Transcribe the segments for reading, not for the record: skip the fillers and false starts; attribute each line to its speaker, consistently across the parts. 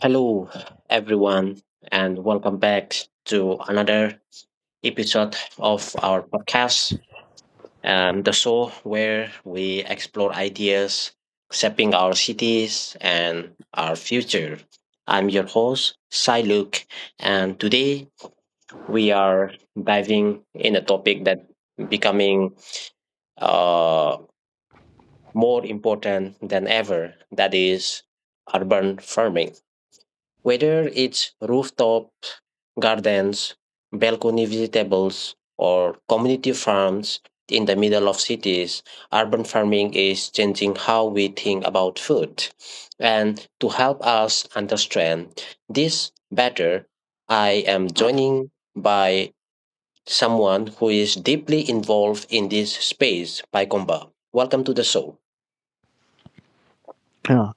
Speaker 1: Hello, everyone, and welcome back to another episode of our podcast, the show where we explore ideas shaping our cities and our future. I'm your host, Sai Luke, and today we are diving in a topic that becoming uh, more important than ever, that is urban farming. Whether it's rooftop gardens, balcony vegetables, or community farms in the middle of cities, urban farming is changing how we think about food. And to help us understand this better, I am joining by someone who is deeply involved in this space, Paikomba. Welcome to the show.
Speaker 2: Uh,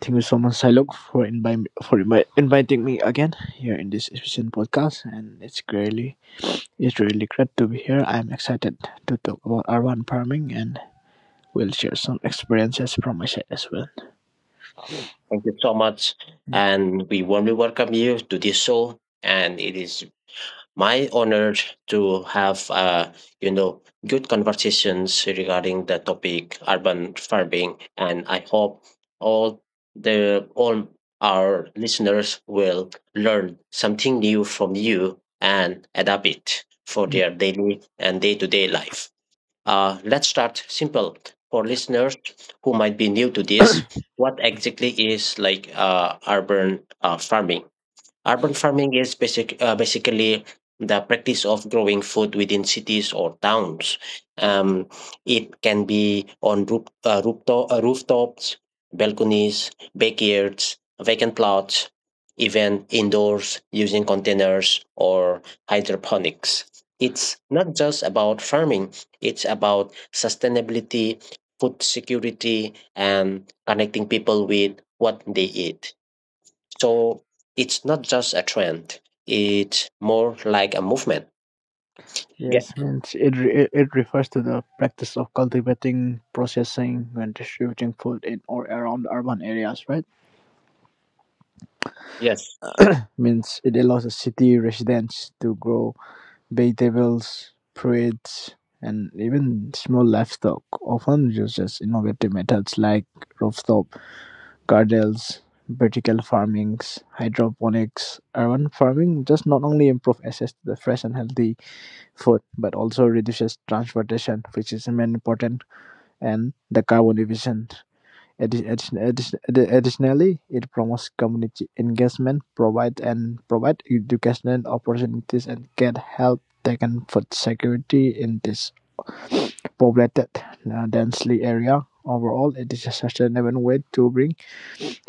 Speaker 2: Thank you so much, Silog, for inviting me again here in this efficient podcast, and it's really great to be here. I'm excited to talk about urban farming, and we'll share some experiences from my side as well.
Speaker 1: Thank you so much.
Speaker 2: Mm.
Speaker 1: And we warmly welcome you to this show. And it is my honor to have you know good conversations regarding the topic urban farming, and I hope all all our listeners will learn something new from you and adapt it for their daily and day-to-day life. Let's start simple. For listeners who might be new to this, what exactly is like urban farming? Urban farming is basically the practice of growing food within cities or towns. Um, it can be on rooftops, balconies, backyards, vacant plots, even indoors using containers or hydroponics. It's not just about farming, it's about sustainability, food security, and connecting people with what they eat. So it's not just a trend; it's more like a movement. Yeah.
Speaker 2: Yes, means it, it refers to the practice of cultivating, processing, and distributing food in or around urban areas, right?
Speaker 1: Yes.
Speaker 2: Means it allows the city residents to grow vegetables, fruits, and even small livestock, often uses innovative methods like rooftop gardens, vertical farming, hydroponics. Urban farming just not only improve access to the fresh and healthy food, but also reduces transportation, which is main important, and the carbon emission. Additionally, it promotes community engagement, provide and provide educational opportunities, and can help tackle food security in this populated, densely area. Overall, it is a sustainable way to bring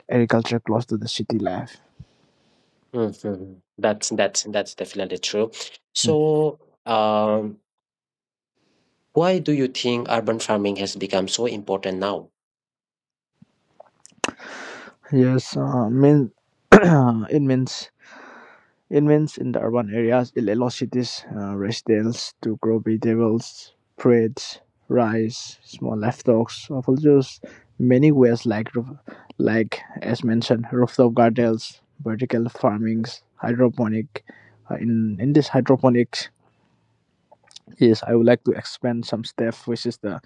Speaker 2: agriculture close to the city life.
Speaker 1: Mhm. That's definitely true.
Speaker 2: Mm.
Speaker 1: So, um, why do you think urban farming has become so important now?
Speaker 2: Yes, mean it means It means in the urban areas it allows cities residents to grow vegetables, fruits, rice, small livestock, of all those many ways like like as mentioned rooftop gardens, vertical farmings, hydroponic. In this hydroponics, yes, I would like to expand some stuff, which is the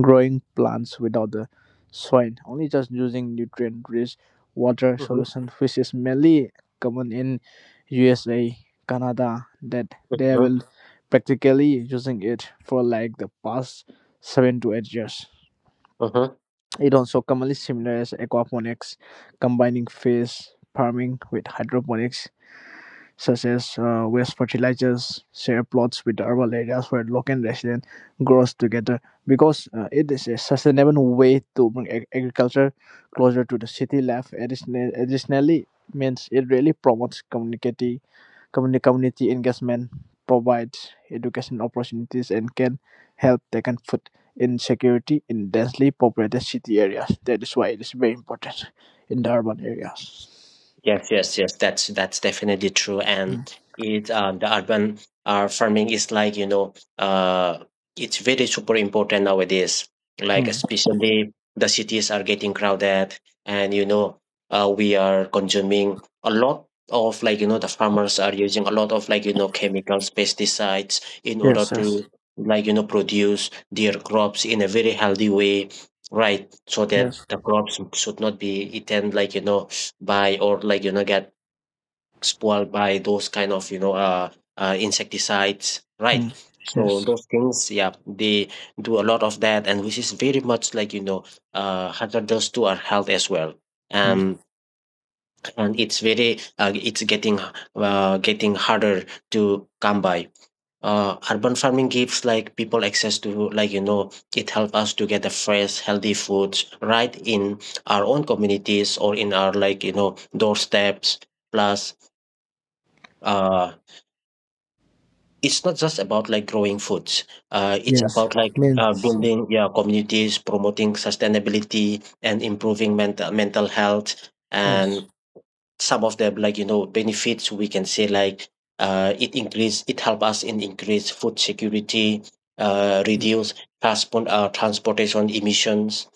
Speaker 2: growing plants without the soil, only just using nutrient-rich water
Speaker 1: Mm-hmm.
Speaker 2: solution, which is mainly common in USA, Canada, that they will practically using it for like the past 7 to 8 years.
Speaker 1: Mm-hmm.
Speaker 2: It also commonly similar as aquaponics, combining fish farming with hydroponics such as waste fertilizers, share plots with the urban areas where local and resident grows together, because it is a sustainable way to bring agriculture closer to the city life. Additionally, means it really promotes community engagement, provides education opportunities, and can help tackle food insecurity in densely populated city areas. That is why it is very important in the urban areas.
Speaker 1: Yes, yes, yes. That's definitely true. And
Speaker 2: Mm.
Speaker 1: it the urban farming is like it's very super important nowadays. Like
Speaker 2: Mm.
Speaker 1: especially the cities are getting crowded, and we are consuming a lot of like the farmers are using a lot of like chemicals, pesticides in order
Speaker 2: Yes,
Speaker 1: to
Speaker 2: yes,
Speaker 1: like produce their crops in a very healthy way, right? So that
Speaker 2: yes.
Speaker 1: the crops should not be eaten like by or like get spoiled by those kind of insecticides, right?
Speaker 2: Mm.
Speaker 1: So
Speaker 2: Yes.
Speaker 1: those things, yeah, they do a lot of that, and which is very much like hazardous to our health as well.
Speaker 2: Mm.
Speaker 1: um and it's very it's getting harder to come by. Urban farming gives like people access to, like it helps us to get the fresh healthy foods right in our own communities or in our like doorsteps. Plus uh it's not just about like growing foods, it's
Speaker 2: Yes.
Speaker 1: about like
Speaker 2: Means
Speaker 1: building, yeah, communities, promoting sustainability, and improving mental health.
Speaker 2: yes.
Speaker 1: And some of them like benefits we can say, like it help us in increase food security,
Speaker 2: Yes.
Speaker 1: reduce transportation emissions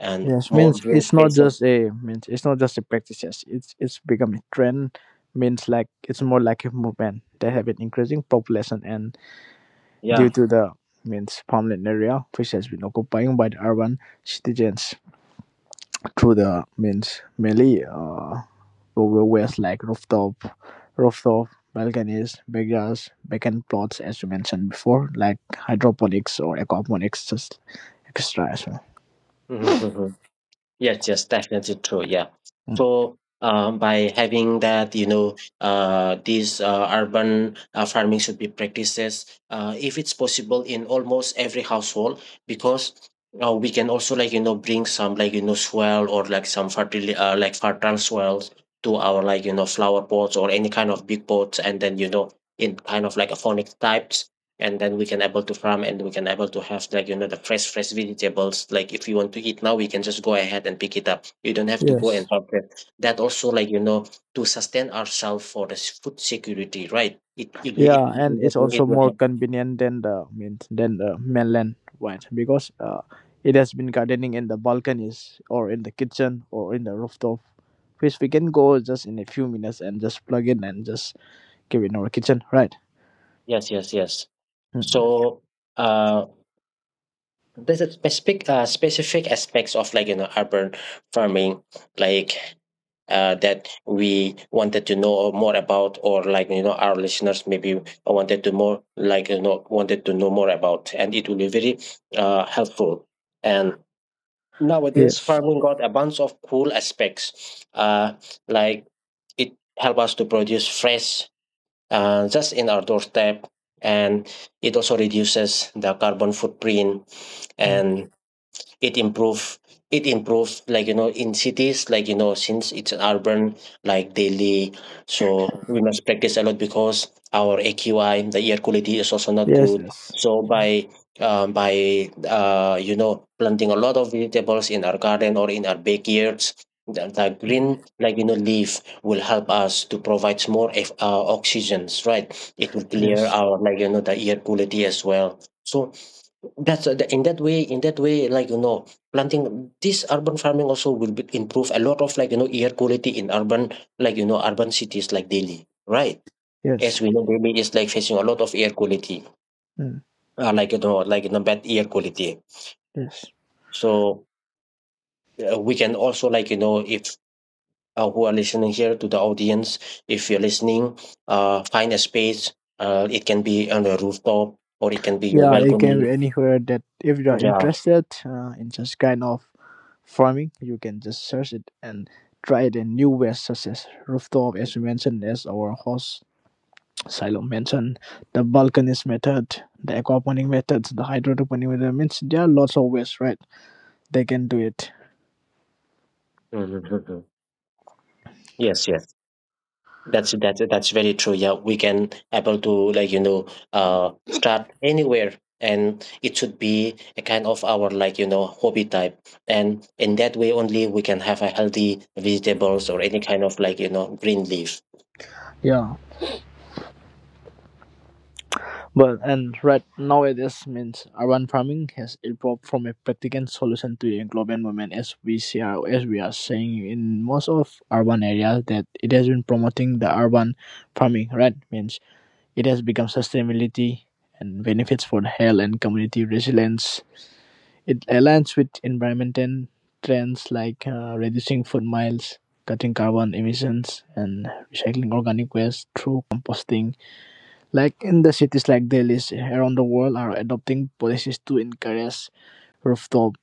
Speaker 1: and
Speaker 2: Yes.
Speaker 1: more
Speaker 2: Means
Speaker 1: green
Speaker 2: it's not
Speaker 1: spaces,
Speaker 2: just a means it's not just a practice. Yes. It's become a trend. Means like it's more like a movement. They have an increasing population, and
Speaker 1: yeah.
Speaker 2: due to the means farmland area which has been occupied by the urban citizens through the means, mainly doorways like rooftop balconies, backyards, vacant plots, as you mentioned before, like hydroponics or aquaponics, just extra as well.
Speaker 1: Yes, yes, definitely true. Yeah.
Speaker 2: Mm.
Speaker 1: So, by having that, these urban farming should be practices, if it's possible, in almost every household, because we can also like bring some like soil or like some fertile soils to our like flower pots or any kind of big pots, and then you know in kind of like a phonic types, and then we can able to farm, and we can able to have like the fresh vegetables. Like if you want to eat now, we can just go ahead and pick it up. You don't have to go
Speaker 2: Yes.
Speaker 1: and purchase that also, like to sustain ourselves for the food security, right? it it, will- it,
Speaker 2: Yeah, and
Speaker 1: it,
Speaker 2: it's also
Speaker 1: it will
Speaker 2: more
Speaker 1: help.
Speaker 2: convenient than the means than the mainland one, because it has been gardening in the balconies or in the kitchen or in the rooftop, which we can go just in a few minutes and just plug in and just give it in our kitchen, right?
Speaker 1: Yes, yes, yes.
Speaker 2: Mm.
Speaker 1: So uh there's a specific aspects of like urban farming, like that we wanted to know more about, or like our listeners maybe wanted to know more about, and it will be very helpful. And nowadays,
Speaker 2: Yes.
Speaker 1: farming got a bunch of cool aspects, like it help us to produce fresh, just in our doorstep, and it also reduces the carbon footprint,
Speaker 2: Mm.
Speaker 1: and it improve it improves like in cities, like since it's an urban like daily. So we must practice a lot, because our AQI, the air quality is also not
Speaker 2: Yes.
Speaker 1: good.
Speaker 2: Yes.
Speaker 1: So by um, by planting a lot of vegetables in our garden or in our backyards, the
Speaker 2: Mm.
Speaker 1: green, like leaf will help us to provide more oxygens, right? It will clear
Speaker 2: Yes.
Speaker 1: our like the air quality as well. So that's the in that way, planting this urban farming also will be improve a lot of, like, air quality in urban cities like Delhi, right? As
Speaker 2: Yes.
Speaker 1: we know, Delhi is like facing a lot of
Speaker 2: Mm,
Speaker 1: bad air quality.
Speaker 2: yes.
Speaker 1: So we can also, if who are listening here to the audience, if you're listening, find a space. It can be on a rooftop or it can be your
Speaker 2: Yeah, you can
Speaker 1: balcony.
Speaker 2: be anywhere that if you are
Speaker 1: Yeah.
Speaker 2: interested in such kind of farming, you can just search it and try it in new ways such as rooftop, as we mentioned, as our host Silo mentioned, the balconies method, the aquaponic methods, the hydroponic method. Means there are lots of ways, right? They can do it.
Speaker 1: Mhm. Yes, yes, that's very true. Yeah, we can able to like start anywhere, and it should be a kind of our like hobby type, and in that way only we can have a healthy vegetables or any kind of like green leaf.
Speaker 2: Yeah. Well, and right nowadays means urban farming has evolved from a practical solution to a global movement, as we see, as we are saying in most of urban areas that it has been promoting the urban farming. Right, means it has become sustainability and benefits for health and community resilience. It aligns with environmental trends like reducing food miles, cutting carbon emissions, and recycling organic waste through composting, like in the cities like Delhi, around the world are adopting policies to encourage rooftop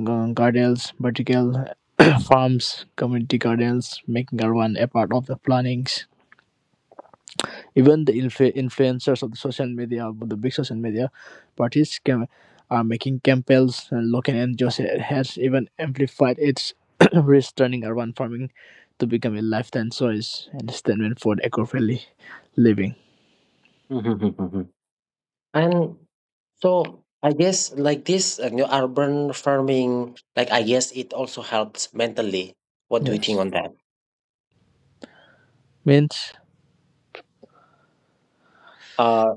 Speaker 2: gardens, vertical farms, community gardens, making urban a part of the plannings. Even the influencers of the social media, of the big social media parties are making campaigns, and local NGOs has even amplified its risk, turning urban farming to become a lifetime choice and statement for eco-friendly living.
Speaker 1: And so I guess like this new urban farming, like I guess it also helps mentally. What do you think
Speaker 2: Yes.
Speaker 1: on that?
Speaker 2: Means
Speaker 1: Uh,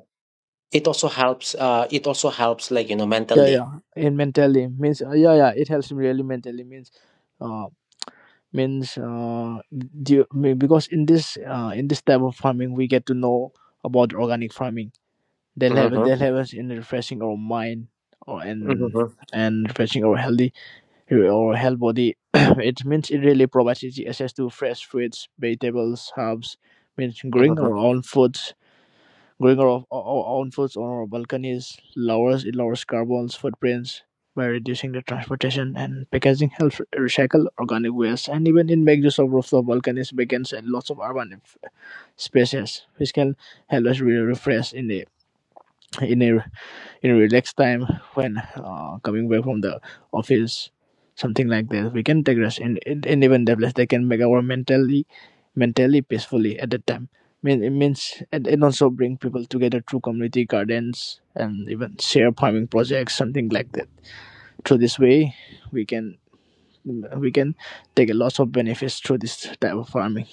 Speaker 1: it also helps. It also helps, like
Speaker 2: yeah,
Speaker 1: mentally.
Speaker 2: yeah, and mentally means yeah, yeah, it helps me really mentally means uh means uh because in this type of farming we get to know about organic farming, they'll have
Speaker 1: Mm-hmm,
Speaker 2: they'll have us in refreshing our mind, or
Speaker 1: mm-hmm,
Speaker 2: and refreshing our health body. It means it really provides easy access to fresh fruits, vegetables, herbs. Means growing
Speaker 1: mm-hmm,
Speaker 2: our own food. Growing our own foods on our balconies lowers carbon footprints by reducing the transportation and packaging, helps recycle organic waste, and even it makes use of rooftop balconies, vegans, and lots of urban spaces, which can help us really refresh in the in a in relaxed time when coming back from the office, something like that. We can take rest, and even develop. They can make our mentally, peacefully at that time. Mean it means and also bring people together through community gardens and even share farming projects, something like that. Through this way, we can we can take a lot of benefits through this type of farming.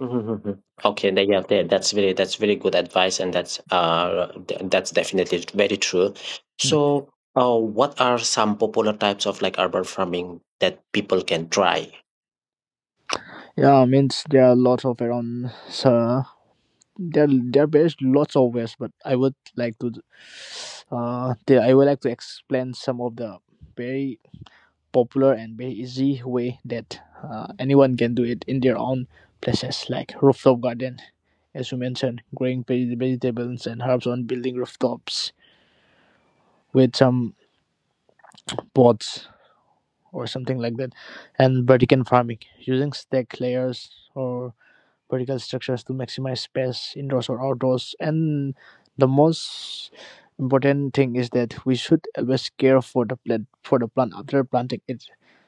Speaker 1: mm-hmm. Okay, then, yeah, that's very good advice, and that's definitely very true.
Speaker 2: Mm.
Speaker 1: So, what are some popular types of like urban farming that people can try?
Speaker 2: Yeah, means there are lots of around. So there are lots of ways, but I would like to explain some of the very popular and very easy way that anyone can do it in their own places, like rooftop garden, as you mentioned, growing vegetables and herbs on building rooftops with some pots or something like that, and vertical farming using stack layers or vertical structures to maximize space indoors or outdoors. And the most important thing is that we should always care for the plant after planting it.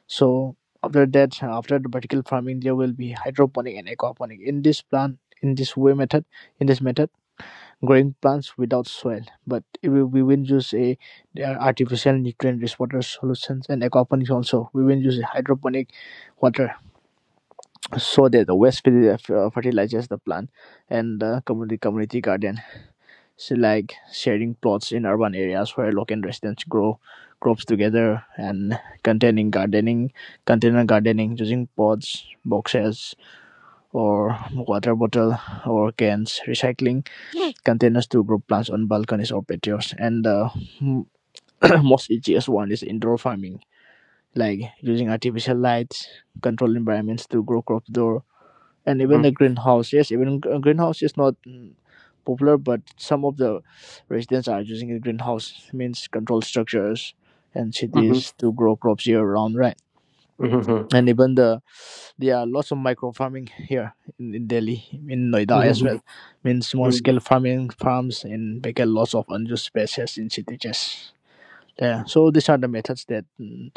Speaker 2: So after that, after the vertical farming, there will be hydroponic and aquaponic. In this plant, in this way method, in this method, growing plants without soil. But if we we will use a there are artificial nutrient rich water solutions, and aquaponics also. We will use a hydroponic water so that the waste fertilizes the plant, and the community garden, so like sharing plots in urban areas where local residents grow crops together, and containing gardening container gardening using pots, boxes, or water bottle or cans, recycling containers to grow plants on balconies or patios. And the most easiest one is indoor farming, like using artificial lights, controlled environments to grow crops, and even
Speaker 1: Mm-hmm,
Speaker 2: the greenhouse. Yes, even greenhouse is not popular, but some of the residents are using the greenhouse, means control structures and
Speaker 1: mm-hmm,
Speaker 2: cities to grow crops year round, right?
Speaker 1: mm-hmm,
Speaker 2: And even there are lots of micro farming here in Delhi, in Noida as
Speaker 1: mm-hmm.
Speaker 2: well. Means small scale farming farms and vacant lots of unused spaces in cities. Yeah, so these are the methods that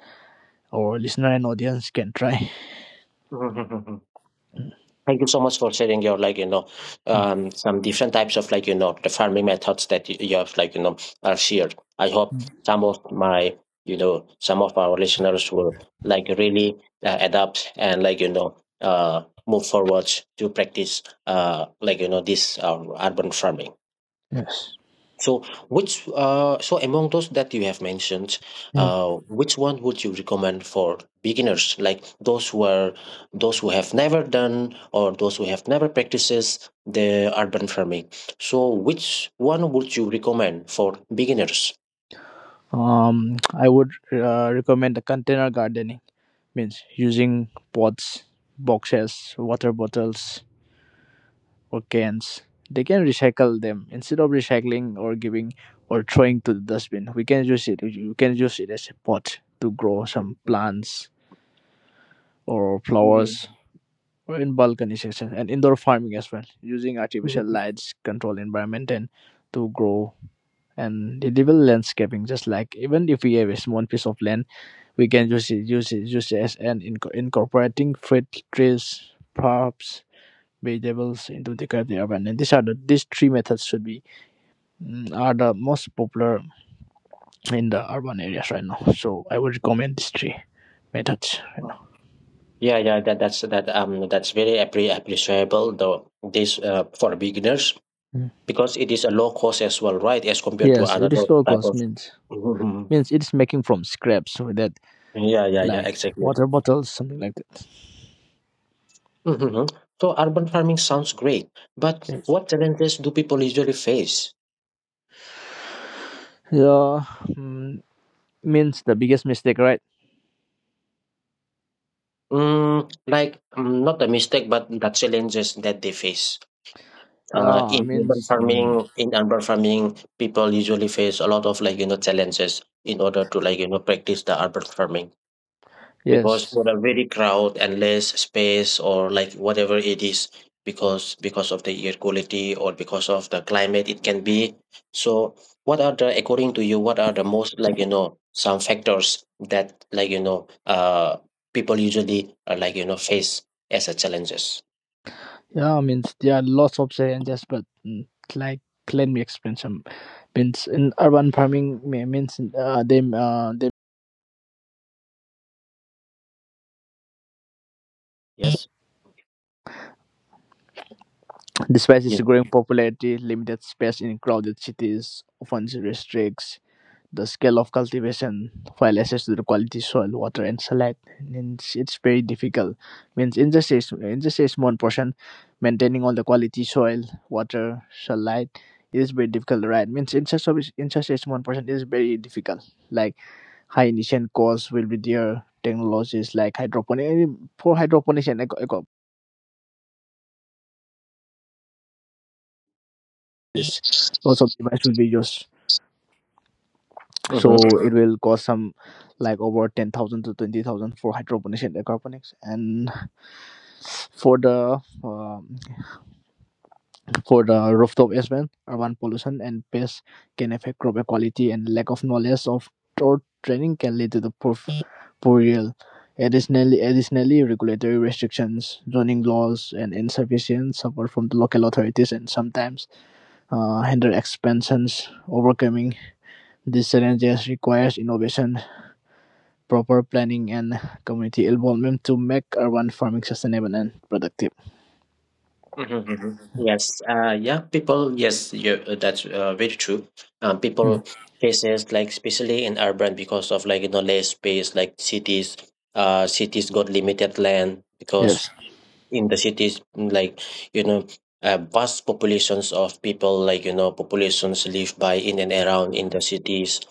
Speaker 2: our listener and audience can try.
Speaker 1: Mhm. Thank you so much for sharing your, like
Speaker 2: Mm.
Speaker 1: some different types of like the farming methods that you have like are shared. I hope
Speaker 2: Mm.
Speaker 1: some of my you know some of our listeners will like really adapt and like move forward to practice, this urban farming.
Speaker 2: Yes.
Speaker 1: So which so among those that you have mentioned,
Speaker 2: Hmm.
Speaker 1: which one would you recommend for beginners, like those who have never done or those who have never practices the urban farming? So which one would you recommend for beginners?
Speaker 2: I would recommend the container gardening, means using pots, boxes, water bottles, or cans. They can recycle them instead of recycling or giving or throwing to the dustbin. We can use it you can use it as a pot to grow some plants or flowers, or in balconization and indoor farming as well, using artificial lights, control environment, and to grow, and the develop landscaping. Just like, even if we have a small piece of land, we can use it as an incorporating fruit trees, crops, vegetables into the curved urban. And these are the these three methods are the most popular in the urban areas right now. So I would recommend these three methods right now.
Speaker 1: Yeah, yeah, that's very appreciable though, this for beginners,
Speaker 2: Mm.
Speaker 1: because it is a low cost as well, right? As compared to
Speaker 2: Yes, it
Speaker 1: another
Speaker 2: is low
Speaker 1: type
Speaker 2: cost,
Speaker 1: of.
Speaker 2: means
Speaker 1: Mhm,
Speaker 2: means it's making from scraps with that,
Speaker 1: mhm. Yeah, yeah, yeah,
Speaker 2: like
Speaker 1: exactly.
Speaker 2: water bottles, something like that.
Speaker 1: Hmm. So urban farming sounds great, but
Speaker 2: Yes,
Speaker 1: what challenges do people usually face?
Speaker 2: yeah, mm, means the biggest mistake, right?
Speaker 1: Mm, like mm, not a mistake, but the challenges that they face.
Speaker 2: Yeah, I
Speaker 1: In
Speaker 2: mean,
Speaker 1: urban
Speaker 2: mm,
Speaker 1: farming, people usually face a lot of like challenges in order to like practice the urban farming. Because
Speaker 2: yes.
Speaker 1: for a very crowd and less space, or like whatever it is, because of the air quality or because of the climate, it can be. So what are the, according to you, what are the most like some factors that like people usually like face as a challenges,
Speaker 2: Yeah, I mean, there are lots of challenges, but like let me explain some. Means in urban farming, me- means them they
Speaker 1: yes,
Speaker 3: Despite its growing popularity, limited space in crowded cities often restricts the scale of cultivation, while access to the quality soil, water, and sunlight means it's very difficult. Means in just a one portion, maintaining all the quality soil, water, sunlight, it is very difficult, right? Means in such a one portion, it is very difficult. Like high initial costs will be there. Technologies like hydroponics and eco,
Speaker 2: is lots of divisive videos.
Speaker 1: yeah.
Speaker 2: So it will cost some like over 10,000 to 20,000 for hydroponics and aquaponics, and for the um, for the rooftop as well. Urban pollution and pests can affect crop quality, and lack of knowledge of or training can lead to the poor yield. Additionally, regulatory restrictions, zoning laws, and insufficient support from the local authorities, and sometimes hinder expansions. Overcoming this challenge requires innovation, proper planning, and community involvement to make urban farming sustainable and productive.
Speaker 1: Mhm. Yes. Yeah. People. Yes. Yeah. That's very true.
Speaker 2: Mm.
Speaker 1: People places like especially in urban, because of like less space. Like cities. Cities got limited land, because
Speaker 2: Yes.
Speaker 1: in the cities, you know vast populations of people, like populations live by in and around in the cities,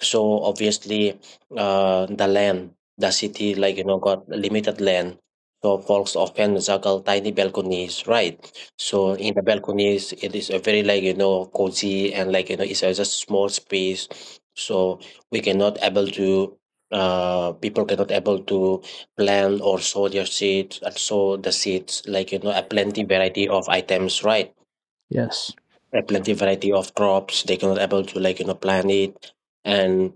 Speaker 1: so obviously, the land, the city, like got limited land. So folks often juggle tiny balconies, right? So in the balconies, it is a very, like cozy, and like it's just a small space. So we cannot able to people cannot able to plant or sow their seeds and sow the seeds, like a plenty variety of items, right?
Speaker 2: Yes.
Speaker 1: A plenty variety of crops they cannot able to, like plant it. And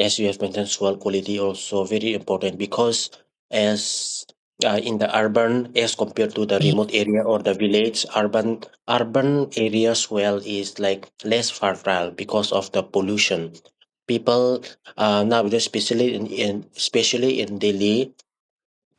Speaker 1: as you have mentioned, soil quality also very important, because as in the urban, as compared to the remote area or the village, urban area soil is like less fertile because of the pollution. People, nowadays, especially in especially in Delhi,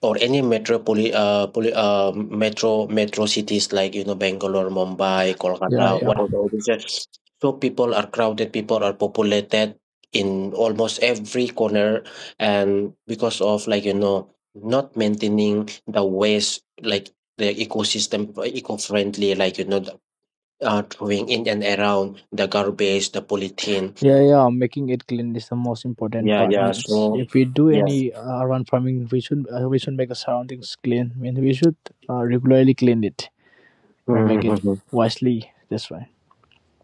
Speaker 1: or any metropoli poli- metro metro cities like Bangalore, Mumbai,
Speaker 2: Yeah,
Speaker 1: Kolkata,
Speaker 2: yeah.
Speaker 1: whatever it is. Yes. So people are crowded, people are populated in almost every corner, and because of not maintaining the waste like the ecosystem eco friendly, the, throwing in and around the garbage, the polythene.
Speaker 2: Yeah, yeah. Making it clean is the most important
Speaker 1: Yeah,
Speaker 2: part.
Speaker 1: yeah.
Speaker 2: Means
Speaker 1: So
Speaker 2: if we do
Speaker 1: yes.
Speaker 2: any urban farming, we should make the surroundings clean. I mean, we should regularly clean it or make it wisely. That's why.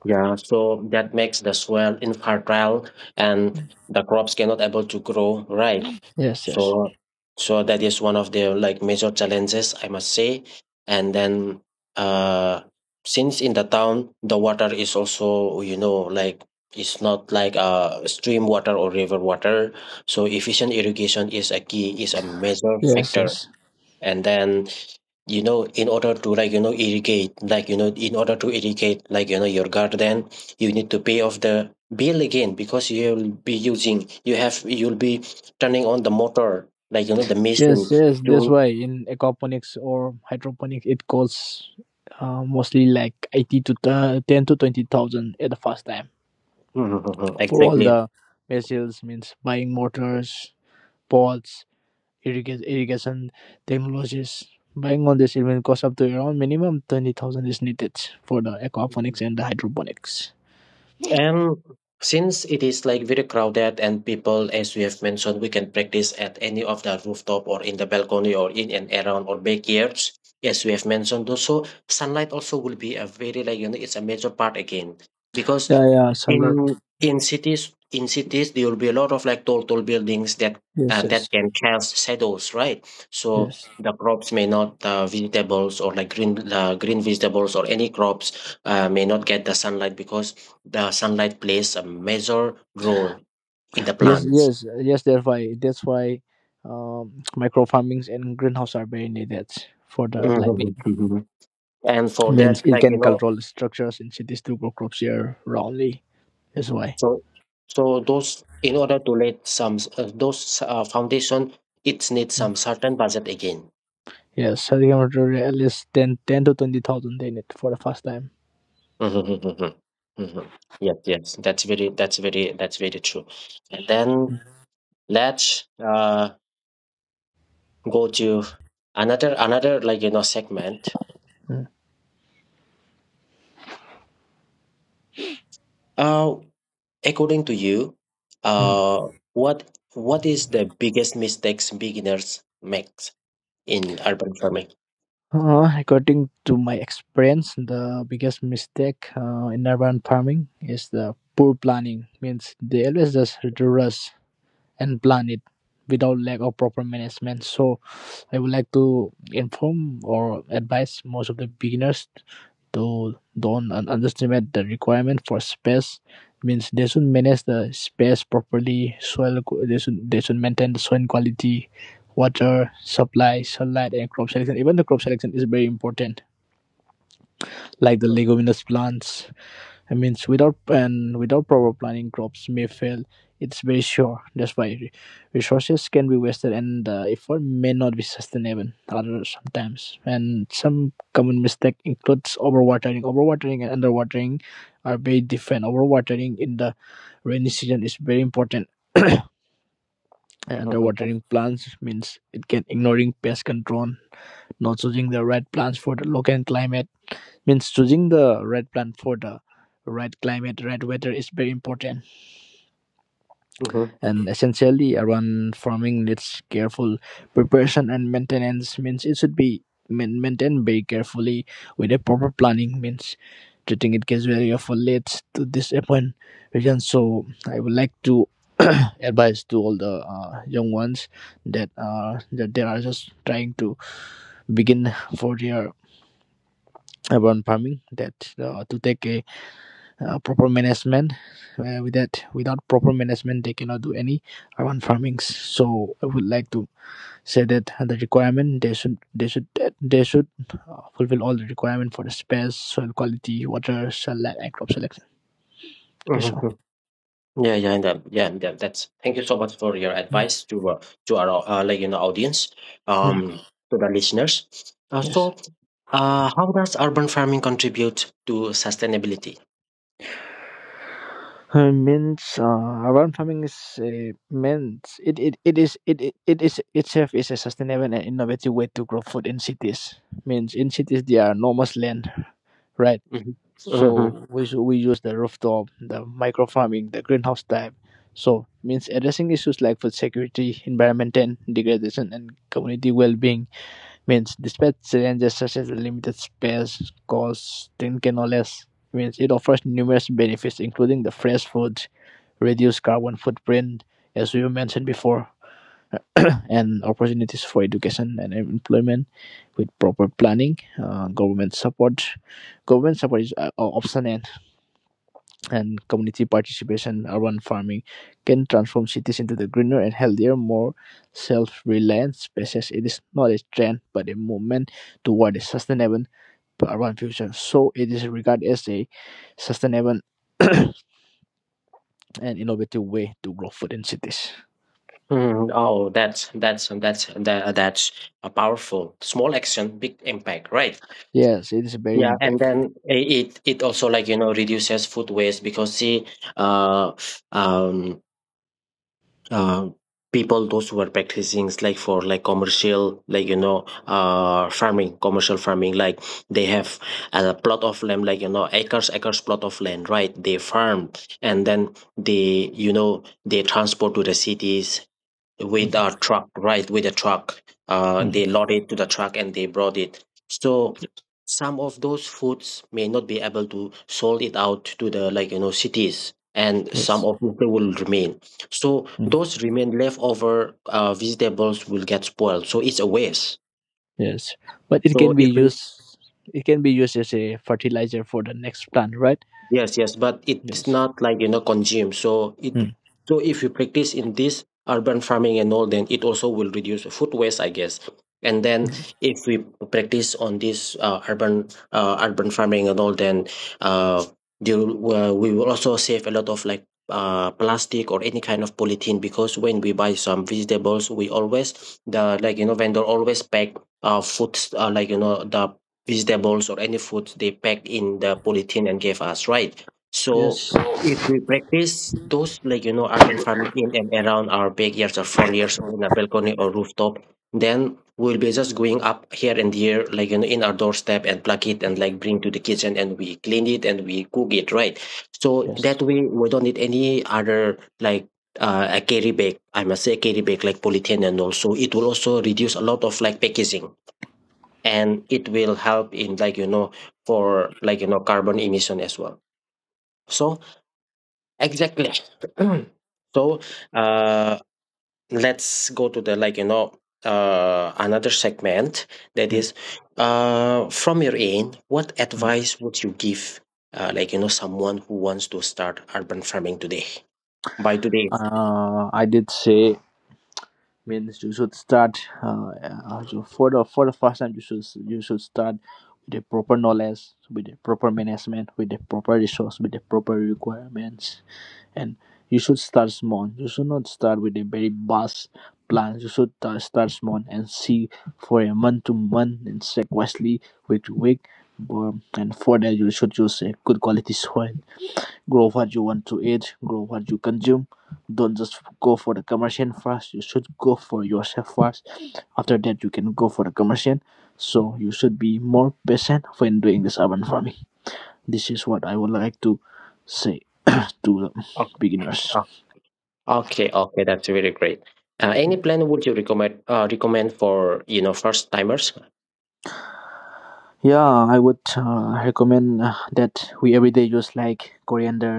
Speaker 1: Yeah, so that makes the soil infertile and the crops cannot able to grow, right?
Speaker 2: Yes, yes,
Speaker 1: So so that is one of the like major challenges, I must say. And then uh since in the town the water is also you know, like it's not like stream water or river water. So efficient irrigation is a key, is a major
Speaker 2: yes,
Speaker 1: factor.
Speaker 2: yes,
Speaker 1: And then you know, in order to irrigate, in order to irrigate, your garden, you need to pay off the bill again because you'll be using, you have, you'll be turning on the motor, the
Speaker 2: yes,
Speaker 1: machine
Speaker 2: yes. That's
Speaker 1: to
Speaker 2: why in aquaponics or hydroponics, it costs mostly like 80 to ten to twenty thousand at the first time for all
Speaker 1: exactly.
Speaker 2: the vessels. Means buying motors, pots, irrigation technologies. Buying By this even cost up to around minimum 20,000 is needed for the aquaponics and the hydroponics.
Speaker 1: And since it is like very crowded and people, as we have mentioned, we can practice at any of the rooftop or in the balcony or in and around or backyards. As we have mentioned also, sunlight also will be a very it's a major part again because
Speaker 2: Yeah, yeah, salad.
Speaker 1: in cities there will be a lot of like tall buildings that
Speaker 2: Yes, yes,
Speaker 1: that can cast shadows, right? So
Speaker 2: yes,
Speaker 1: the crops may not vegetables or like green green vegetables or any crops may not get the sunlight because the sunlight plays a major role in the
Speaker 2: yes,
Speaker 1: plants.
Speaker 2: yes, yes. That's why, micro farmings and greenhouse are very needed for the lightning.
Speaker 1: Mhm, mhm. And for
Speaker 2: Means
Speaker 1: that,
Speaker 2: it can control structures in cities to grow crops year roundly. That's why.
Speaker 1: so so those in order to let some those foundation, it needs
Speaker 2: Mm.
Speaker 1: some certain budget again.
Speaker 2: Yes, so they can order at least ten to twenty thousand they need for the first time.
Speaker 1: Mhm, mhm, mhm. Mhm. Yes, yes, that's very true. And then let's go to another segment.
Speaker 2: Mm.
Speaker 1: Uh, According to you, uh, what what is the biggest mistakes beginners make in urban farming?
Speaker 2: According to my experience, the biggest mistake in urban farming is the poor planning. Means they always just rush and plant it without lack of proper management. So I would like to inform or advise most of the beginners to don't underestimate the requirement for space. Means they should manage the space properly, soil they should maintain the soil quality, water supply, sunlight, and crop selection. Even the crop selection is very important, like the
Speaker 1: Mhm.
Speaker 2: leguminous plants. I means without proper planning, crops may fail. It's very sure. That's why resources can be wasted, and the effort may not be sustainable. Other sometimes, and some common mistake includes overwatering. Overwatering and underwatering are very different. Overwatering in the rainy season is very important. And underwatering plants means it can ignoring pest control, not choosing the right plants for the local climate. Means choosing the right plant for the right climate, right weather is very important,
Speaker 1: Mhm,
Speaker 2: and essentially around farming needs careful preparation and maintenance. Means it should be maintained very carefully with a proper planning. Means treating it casually often leads to disappointment, so I would like to advise to all the young ones that that they are just trying to begin for their urban farming, that to take a proper management. With that, without proper management, they cannot do any urban farmings. So I would like to say that the requirement they should fulfill all the requirement for the space, soil quality, water, sunlight, and crop selection. That's
Speaker 1: mhm,
Speaker 2: all.
Speaker 1: mhm. Yeah, yeah, yeah, that's, thank you so much for your advice to our audience,
Speaker 2: Mm.
Speaker 1: um, to the listeners. Uh,
Speaker 2: Yes,
Speaker 1: so, how does urban farming contribute to sustainability?
Speaker 2: means urban farming is means it is itself is a sustainable and innovative way to grow food in cities. Means in cities there are enormous land, right?
Speaker 1: Mhm. Mhm,
Speaker 2: So we use the rooftop, the micro farming, the greenhouse type. So means addressing issues like food security, environmental degradation, and community well-being. Means despite challenges such as limited space, cost, thin canales, means it offers numerous benefits including the fresh food, reduced carbon footprint, as we mentioned before, and opportunities for education and employment with proper planning, government support. Government support is optional, and community participation, urban farming can transform cities into the greener and healthier, more self reliant spaces. It is not a trend but a movement toward a sustainable urban future. So it is regarded as a sustainable and innovative way to grow food in cities.
Speaker 1: mhm. Oh, that's a powerful small action, big impact, right?
Speaker 2: Yes, it is very
Speaker 1: Yeah, and
Speaker 2: impact.
Speaker 1: then it also reduces food waste because see, uh, um, uh, people those who are practicing like for like commercial like you know farming commercial farming, like they have a plot of land, acres plot of land, right? They farm and then they you know they transport to the cities with
Speaker 2: Mm,
Speaker 1: a truck, right? With a truck. They
Speaker 2: mm,
Speaker 1: load it to the truck and they brought it. So some of those foods may not be able to sold it out to the cities and some
Speaker 2: yes.
Speaker 1: of it will remain, so
Speaker 2: Mm.
Speaker 1: those remain leftover vegetables will get spoiled, so it's a waste.
Speaker 2: Yes. But it
Speaker 1: So
Speaker 2: can be
Speaker 1: if we,
Speaker 2: used it can be used as a fertilizer for the next plant, right?
Speaker 1: yes, yes, but it's
Speaker 2: Yes.
Speaker 1: not consume. So it,
Speaker 2: Mm.
Speaker 1: so if you practice in this urban farming and all, then it also will reduce food waste, I guess. And then if we practice on this urban farming and all, then uh, we will also save a lot of like plastic or any kind of polythene, because when we buy some vegetables, we always the vendor always pack food like you know the vegetables or any food, they pack in the polythene and gave us, right? So
Speaker 2: Yes.
Speaker 1: if we practice those urban farming in and around our backyards or front yards or in a balcony or rooftop, then we'll be just going up here and there, in our doorstep and pluck it and like bring to the kitchen and we clean it and we cook it, right? So
Speaker 2: Yes.
Speaker 1: that way we don't need any other like a carry bag, I must say, carry bag like polythene, and also it will also reduce a lot of like packaging and it will help in for carbon emission as well, so exactly. So uh let's go to the another segment, that
Speaker 2: Mm.
Speaker 1: is, from your end, what
Speaker 2: Mm.
Speaker 1: advice would you give someone who wants to start urban farming today? By today.
Speaker 2: I did say means you should start so for the first time you should start with the proper knowledge, with the proper management, with the proper resource, with the proper requirements, and you should start small. You should not start with a very vast plan. You should start small and see for a month to month and sequentially week to week. And for that, you should use a good quality soil. Grow what you want to eat, grow what you consume. Don't just go for the commercial first; you should go for yourself first. After that, you can go for the commercial, so you should be more patient when doing this urban farming. This is what I would like to say to the
Speaker 1: Oh,
Speaker 2: beginners.
Speaker 1: oh, okay, okay, that's really great. Any plan would you recommend, recommend for you know first timers?
Speaker 2: Yeah, I would recommend that we every day use like coriander,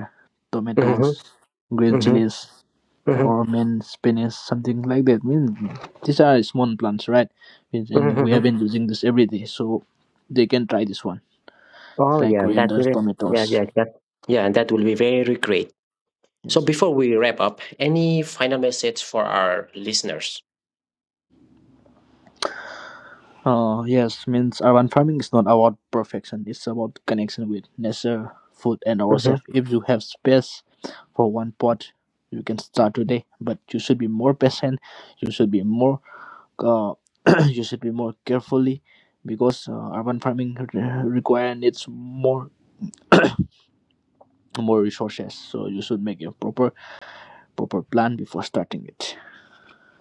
Speaker 2: tomatoes,
Speaker 1: Hmm,
Speaker 2: green
Speaker 1: hmm.
Speaker 2: chilies, or peppermint, spinach, something like that. Means these are small plants, right?
Speaker 1: Mhm,
Speaker 2: And we have
Speaker 1: mhm.
Speaker 2: been using this every day, so they can try this one. It's
Speaker 1: Oh,
Speaker 2: like
Speaker 1: yeah, that
Speaker 2: corianders,
Speaker 1: will,
Speaker 2: tomatoes.
Speaker 1: yeah, yeah, that, yeah, that will be very great. So
Speaker 2: Yes.
Speaker 1: before we wrap up, any final message for our listeners?
Speaker 2: Yes, means urban farming is not about perfection. It's about connection with nature, food, and
Speaker 1: Hmm.
Speaker 2: ourselves. If you have space for one pot, you can start today. But you should be more patient. You should be more. Uh, you should be more carefully, because urban farming re- require needs more resources, so you should make a proper plan before starting it.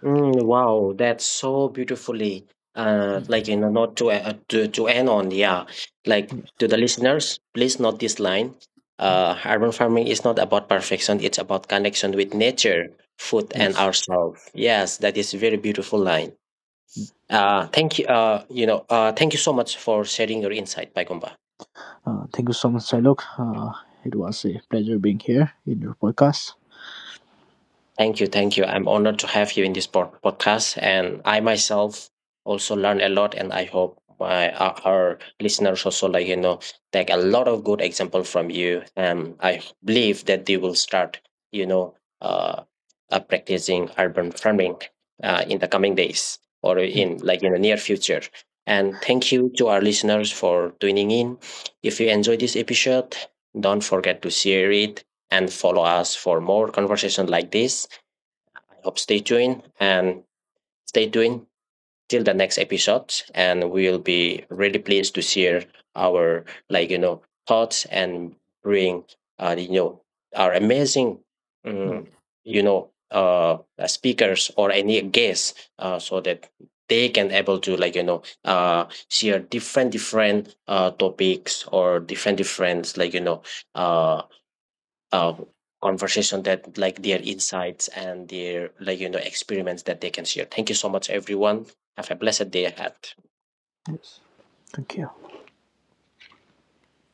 Speaker 1: Mm, wow, that's so beautifully, not to to end on, yeah, like. To the listeners, please note this line. Urban farming is not about perfection, it's about connection with nature, food, and
Speaker 2: Yes,
Speaker 1: ourselves. Yes, that is very beautiful line. Thank you. Thank you so much for sharing your insight, Paikomba.
Speaker 2: thank you so much, Silok. It was a pleasure being here in your podcast.
Speaker 1: Thank you. Thank you. I'm honored to have you in this podcast. And I myself also learn a lot. And I hope my our listeners also, take a lot of good example from you. And I believe that they will start, you know, uh, practicing urban farming in the coming days or
Speaker 2: Yes,
Speaker 1: in like in the near future. And thank you to our listeners for tuning in. If you enjoyed this episode, don't forget to share it and follow us for more conversation like this. Hope stay tuned and stay tuned till the next episode. And we'll be really pleased to share our thoughts and bring you know, our amazing um, speakers or any guests, so that they can able to share different topics or different uh, uh, conversation that like their insights and their experiments that they can share. Thank you so much, everyone. Have a blessed day ahead.
Speaker 2: yes. Thank you.